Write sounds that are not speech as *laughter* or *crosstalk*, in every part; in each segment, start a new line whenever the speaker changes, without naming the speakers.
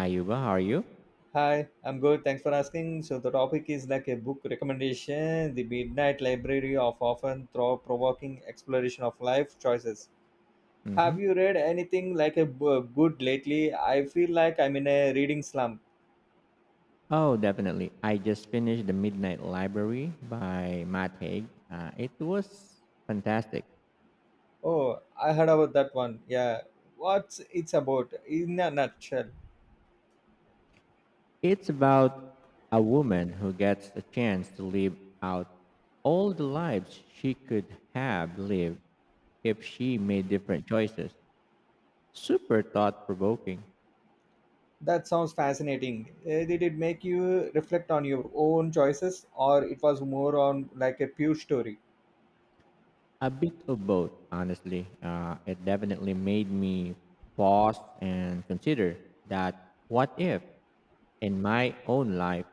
Ayuba, how are you?
Hi, I'm good. Thanks for asking. So the topic is like a book recommendation, the Midnight Library of often thought-provoking exploration of life choices. Have
Hmm.
you read anything like good lately? I feel like I'm in a reading slump.
Oh, definitely. I just finished The Midnight Library by Matt Haig. It was fantastic.
Oh, I heard about that one. Yeah, what's it's about in a nutshell?
It's about a woman who gets a chance to live out all the lives she could have lived if she made different choices. Super thought provoking.
That sounds fascinating. Did it make you reflect on your own choices, or it was more on like a pure story?
A bit of both, honestly. It definitely made me pause and consider that what if in my own life,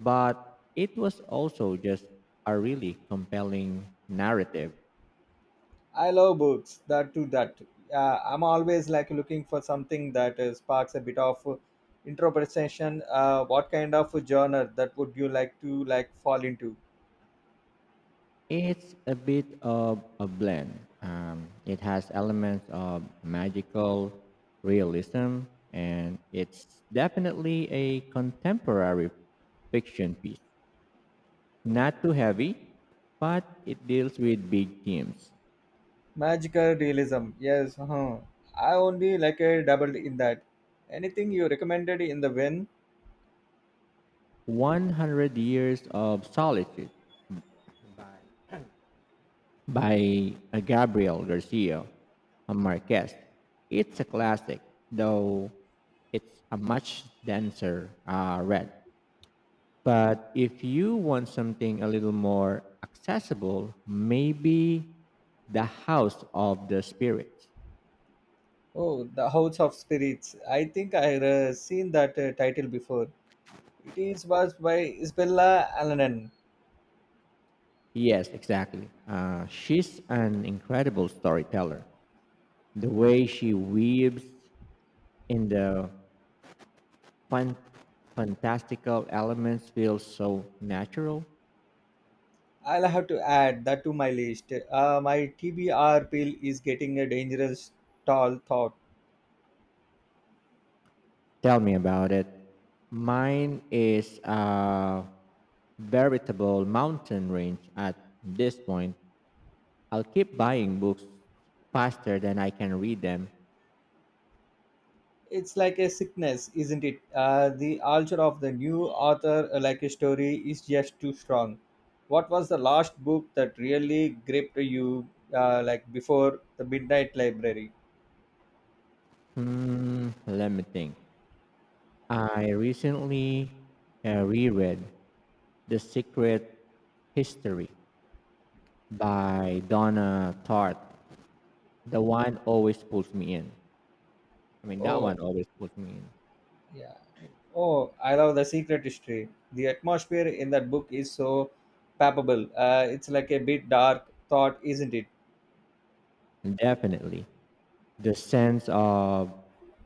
but it was also just a really compelling narrative.
I love books that do that. I'm always like looking for something that sparks a bit of interpretation. What kind of genre that would you like to like fall into?
It's a bit of a blend. It has elements of magical realism, and it's definitely a contemporary fiction piece. Not too heavy, but it deals with big themes.
Magical realism. Yes. Huh. I only like a doubled in that. Anything you recommended in the win?
100 Years of Solitude by Gabriel Garcia Marquez. It's a classic, though it's a much denser read. But if you want something a little more accessible, maybe The House of the Spirits.
Oh, the House of Spirits. I think I seen that title before. It is was by Isabella Allen.
Yes, exactly. She's an incredible storyteller. The way she weaves in the fun, fantastical elements feels so natural.
I'll have to add that to my list. My TBR pill is getting a dangerous tall thought.
Tell me about it. Mine is a veritable mountain range at this point. I'll keep buying books faster than I can read them.
It's like a sickness, isn't it? The ulcer of the new author, like a story, is just too strong. What was the last book that really gripped you, like before the Midnight Library?
Hmm, let me think. I recently reread The Secret History by Donna Tartt. The wine always pulls me in. I mean, that
Oh,
one always pulls me in.
yeah. Oh, I love the secret history. The atmosphere in that book is so palpable. It's like a bit dark thought, isn't it?
And definitely, the sense of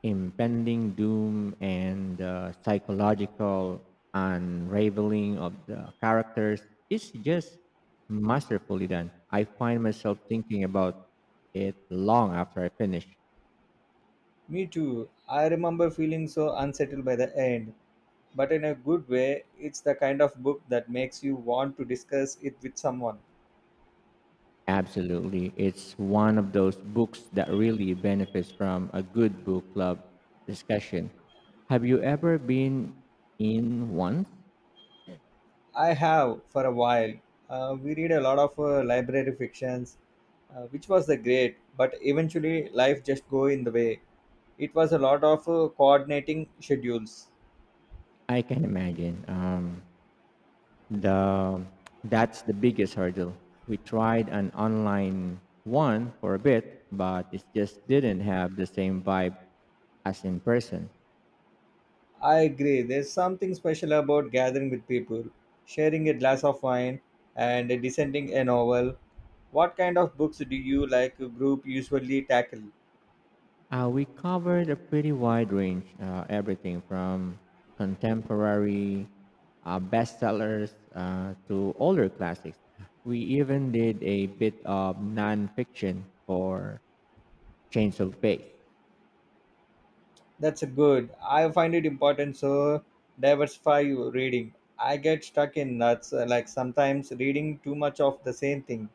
impending doom and the psychological unraveling of the characters is just masterfully done. I find myself thinking about it long after I finish.
Me too. I remember feeling so unsettled by the end, but in a good way, it's the kind of book that makes you want to discuss it with someone.
Absolutely. It's one of those books that really benefits from a good book club discussion. Have you ever been in one?
I have for a while. We read a lot of library fictions, which was the great, but eventually life just go in the way. It was a lot of coordinating schedules.
I can imagine. The that's the biggest hurdle. We tried an online one for a bit, but it just didn't have the same vibe as in person.
I agree. There's something special about gathering with people, sharing a glass of wine, and descending a novel. What kind of books do you like group usually tackle?
We covered a pretty wide range, everything from contemporary bestsellers to older classics. We even did a bit of nonfiction for Change of Pace.
That's good. I find it important so diversify your reading. I get stuck in nuts like sometimes reading too much of the same thing.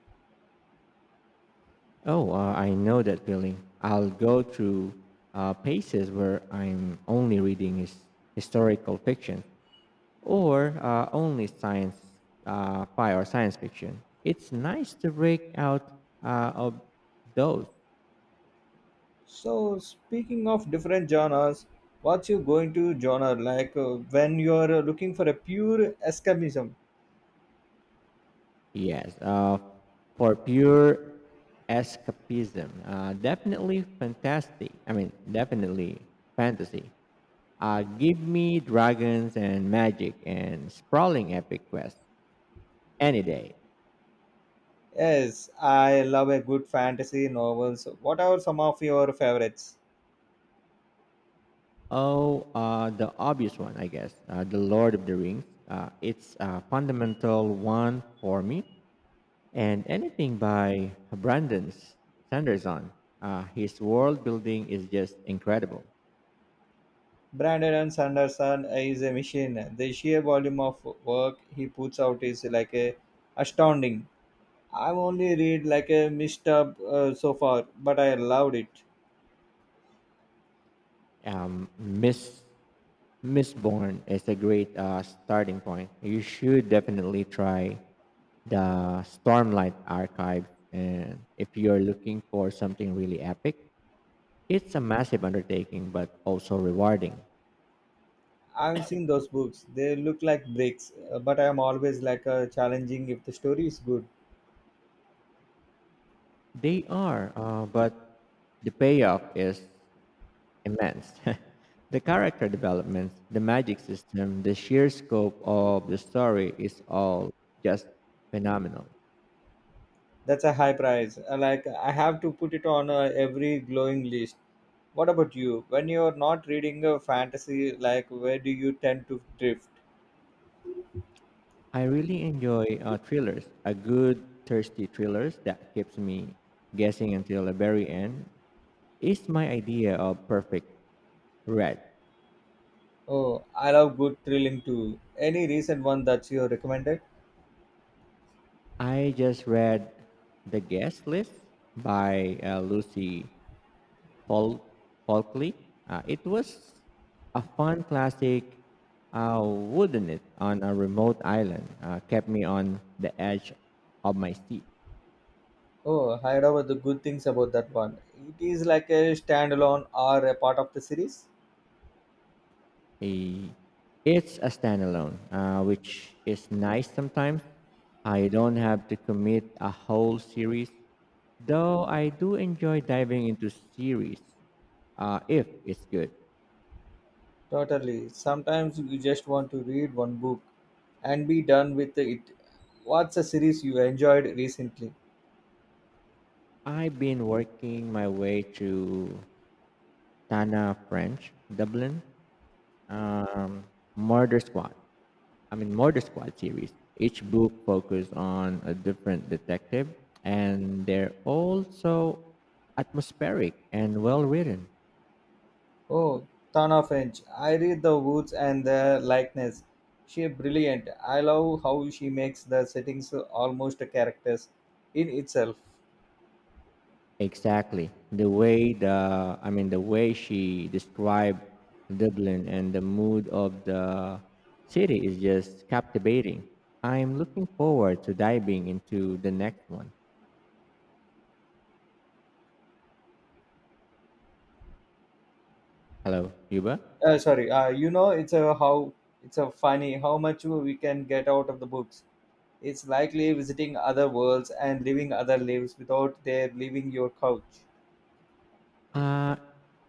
Oh, I know that feeling. I'll go through paces where I'm only reading his historical fiction, or only science fi or science fiction. It's nice to break out of those.
So speaking of different genres, what's your going to genre like when you're looking for a pure escapism?
Yes, for pure escapism. Definitely fantastic. I mean, definitely fantasy. Give me dragons and magic and sprawling epic quests any day.
Yes, I love a good fantasy novels. What are some of your favorites?
Oh, the obvious one, I guess. The Lord of the Rings. It's a fundamental one for me. And anything by Brandon Sanderson. His world building is just incredible.
Brandon and Sanderson is a machine. The sheer volume of work he puts out is like a astounding. I've only read like a missed up so far, but I loved it.
Miss Mistborn is a great starting point. You should definitely try the Stormlight Archive, and if you're looking for something really epic, it's a massive undertaking but also rewarding.
I've seen those books. They look like bricks, but I'm always like challenging if the story is good.
They are, but the payoff is immense. *laughs* The character developments, the magic system, the sheer scope of the story is all just phenomenal.
That's a high price. Like I have to put it on every glowing list. What about you? When you're not reading a fantasy, like where do you tend to drift?
I really enjoy thrillers. A good thirsty thrillers that keeps me guessing until the very end is my idea of perfect read.
Oh, I love good thrilling too. Any recent one that you recommended?
I just read The Guest List by Lucy Paul Folkley. It was a fun classic, wouldn't it, on a remote island. Kept me on the edge of my seat.
Oh, I heard about the good things about that one. It is like a standalone or a part of the series?
A, it's a standalone, which is nice sometimes. I don't have to commit a whole series, though I do enjoy diving into series if it's good.
Totally. Sometimes you just want to read one book and be done with it. What's a series you enjoyed recently?
I've been working my way through Tana French, Dublin, um, Murder Squad. I mean, Murder Squad series. Each book focused on a different detective, and they're all so atmospheric and well written.
Oh, Ton of Inch. I read The Woods and the Likeness. She brilliant. I love how she makes the settings almost characters in itself.
Exactly, the way she described Dublin and the mood of the city is just captivating. I'm looking forward to diving into the next one. Hello, Yuba.
Sorry, it's a how it's a funny how much we can get out of the books. It's likely visiting other worlds and living other lives without their leaving your couch.
Uh,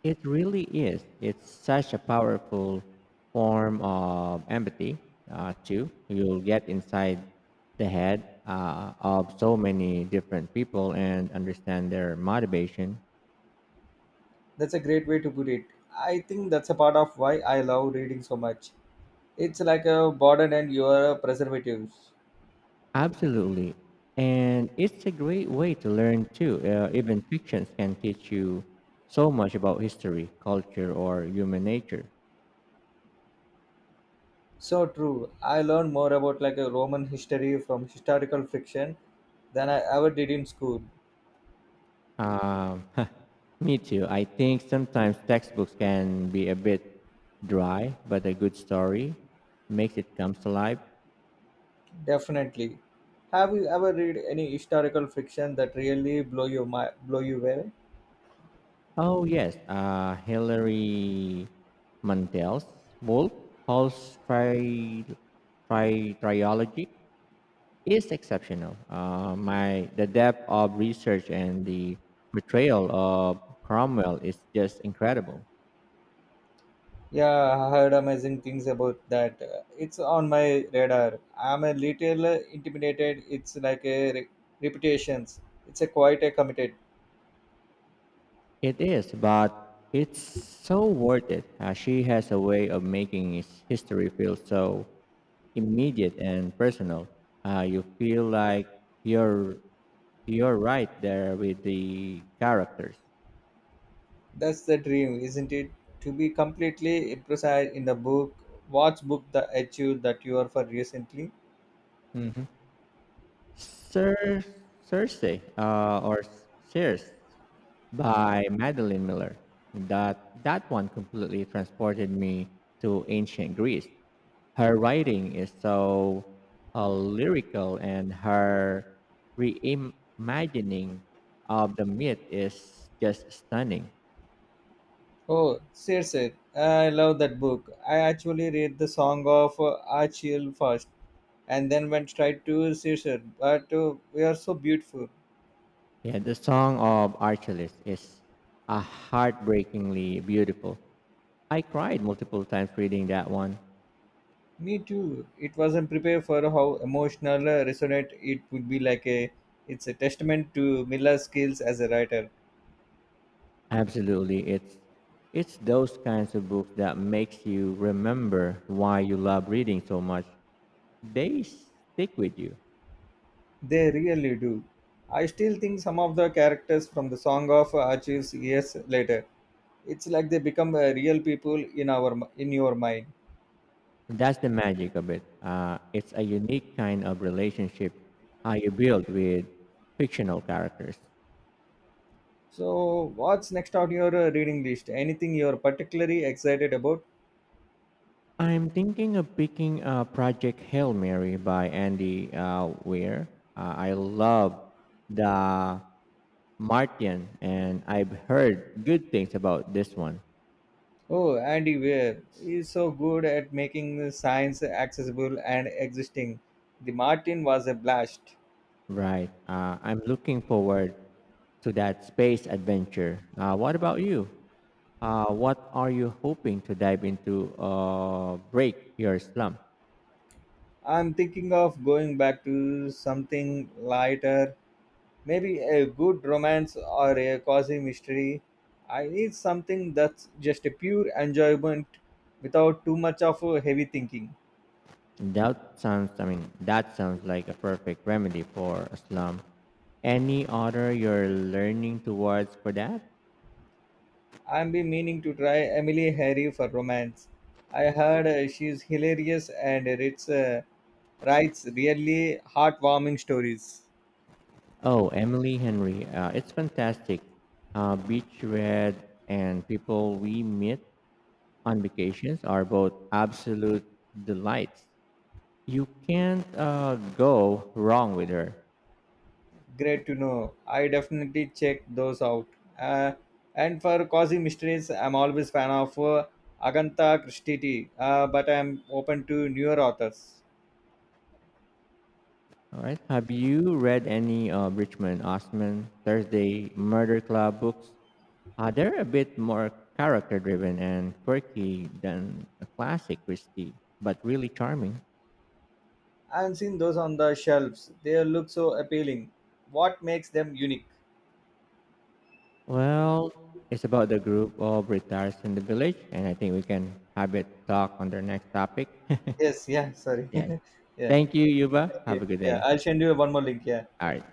it really is. It's such a powerful form of empathy, too. You'll get inside the head of so many different people and understand their motivation.
That's a great way to put it. I think that's a part of why I love reading so much. It's like a burden and your preservatives.
Absolutely. And it's a great way to learn, too. Even fictions can teach you so much about history, culture, or human nature.
So true, I learned more about like a roman history from historical fiction than I ever did in school.
Um, *laughs* Me too. I think sometimes textbooks can be a bit dry, but a good story makes it comes to life.
Definitely. Have you ever read any historical fiction that really blow your mind, blow you away?
Oh yes, Hilary Mantel's Wolf Hall's trilogy is exceptional. My the depth of research and the portrayal of Cromwell is just incredible.
Yeah, I heard amazing things about that. It's on my radar. I'm a little intimidated. It's like reputations. It's a quite a committed.
It is, but it's so worth it. She has a way of making his history feel so immediate and personal. You feel like you're you're right there with the characters.
That's the dream, isn't it? To be completely imprecise in the book. What's book the achieve that you are for recently?
Sir Thursday or Sears by Madeline Miller. That one completely transported me to ancient Greece. Her writing is so lyrical, and her reimagining of the myth is just stunning.
Oh, Circe, I love that book. I actually read the Song of Achille first and then went straight to Circe. But we are so beautiful.
Yeah, the song of Archelaus is a heartbreakingly beautiful. I cried multiple times reading that one.
Me too. It wasn't prepared for how emotional resonant it would be like a it's a testament to Miller's skills as a writer.
Absolutely. It's those kinds of books that makes you remember why you love reading so much. They stick with you.
They really do. I still think some of the characters from the Song of Achilles years later. It's like they become real people in in your mind.
That's the magic of it. It's a unique kind of relationship how you build with fictional characters.
So, what's next on your reading list? Anything you're particularly excited about?
I'm thinking of picking Project Hail Mary by Andy Weir. I love the Martian, and I've heard good things about this one.
Oh, Andy Weir is so good at making science accessible and existing. The Martin was a blast.
Right. I'm looking forward to that space adventure. What about you? What are you hoping to dive into? Break your slump.
I'm thinking of going back to something lighter, maybe a good romance or a cozy mystery. I need something that's just a pure enjoyment without too much of a heavy thinking.
That sounds like a perfect remedy for a slump. Any other you're learning towards for that?
I've been meaning to try Emily Harry for romance. I heard she's hilarious and it's, writes really heartwarming stories.
Oh, Emily Henry. It's fantastic. Beach Red and people we meet on vacations are both absolute delights. You can't go wrong with her.
Great to know. I definitely check those out. Uh, and for cozy mysteries, I'm always fan of Agantha Christie, but I'm open to newer authors.
All right. Have you read any Richmond Osman Thursday Murder Club books? They're a bit more character driven and quirky than a classic Christie, but really charming.
I've seen those on the shelves. They look so appealing. What makes them unique?
Well, it's about the group of retirees in the village, and I think we can have it talk on their next topic.
Yes, yeah, sorry.
*laughs* Yes.
*laughs* Yeah,
Thank you, Yuba.
thank
Have
you.
a good
Yeah, I'll
day.
send you one more link. Yeah.
All right.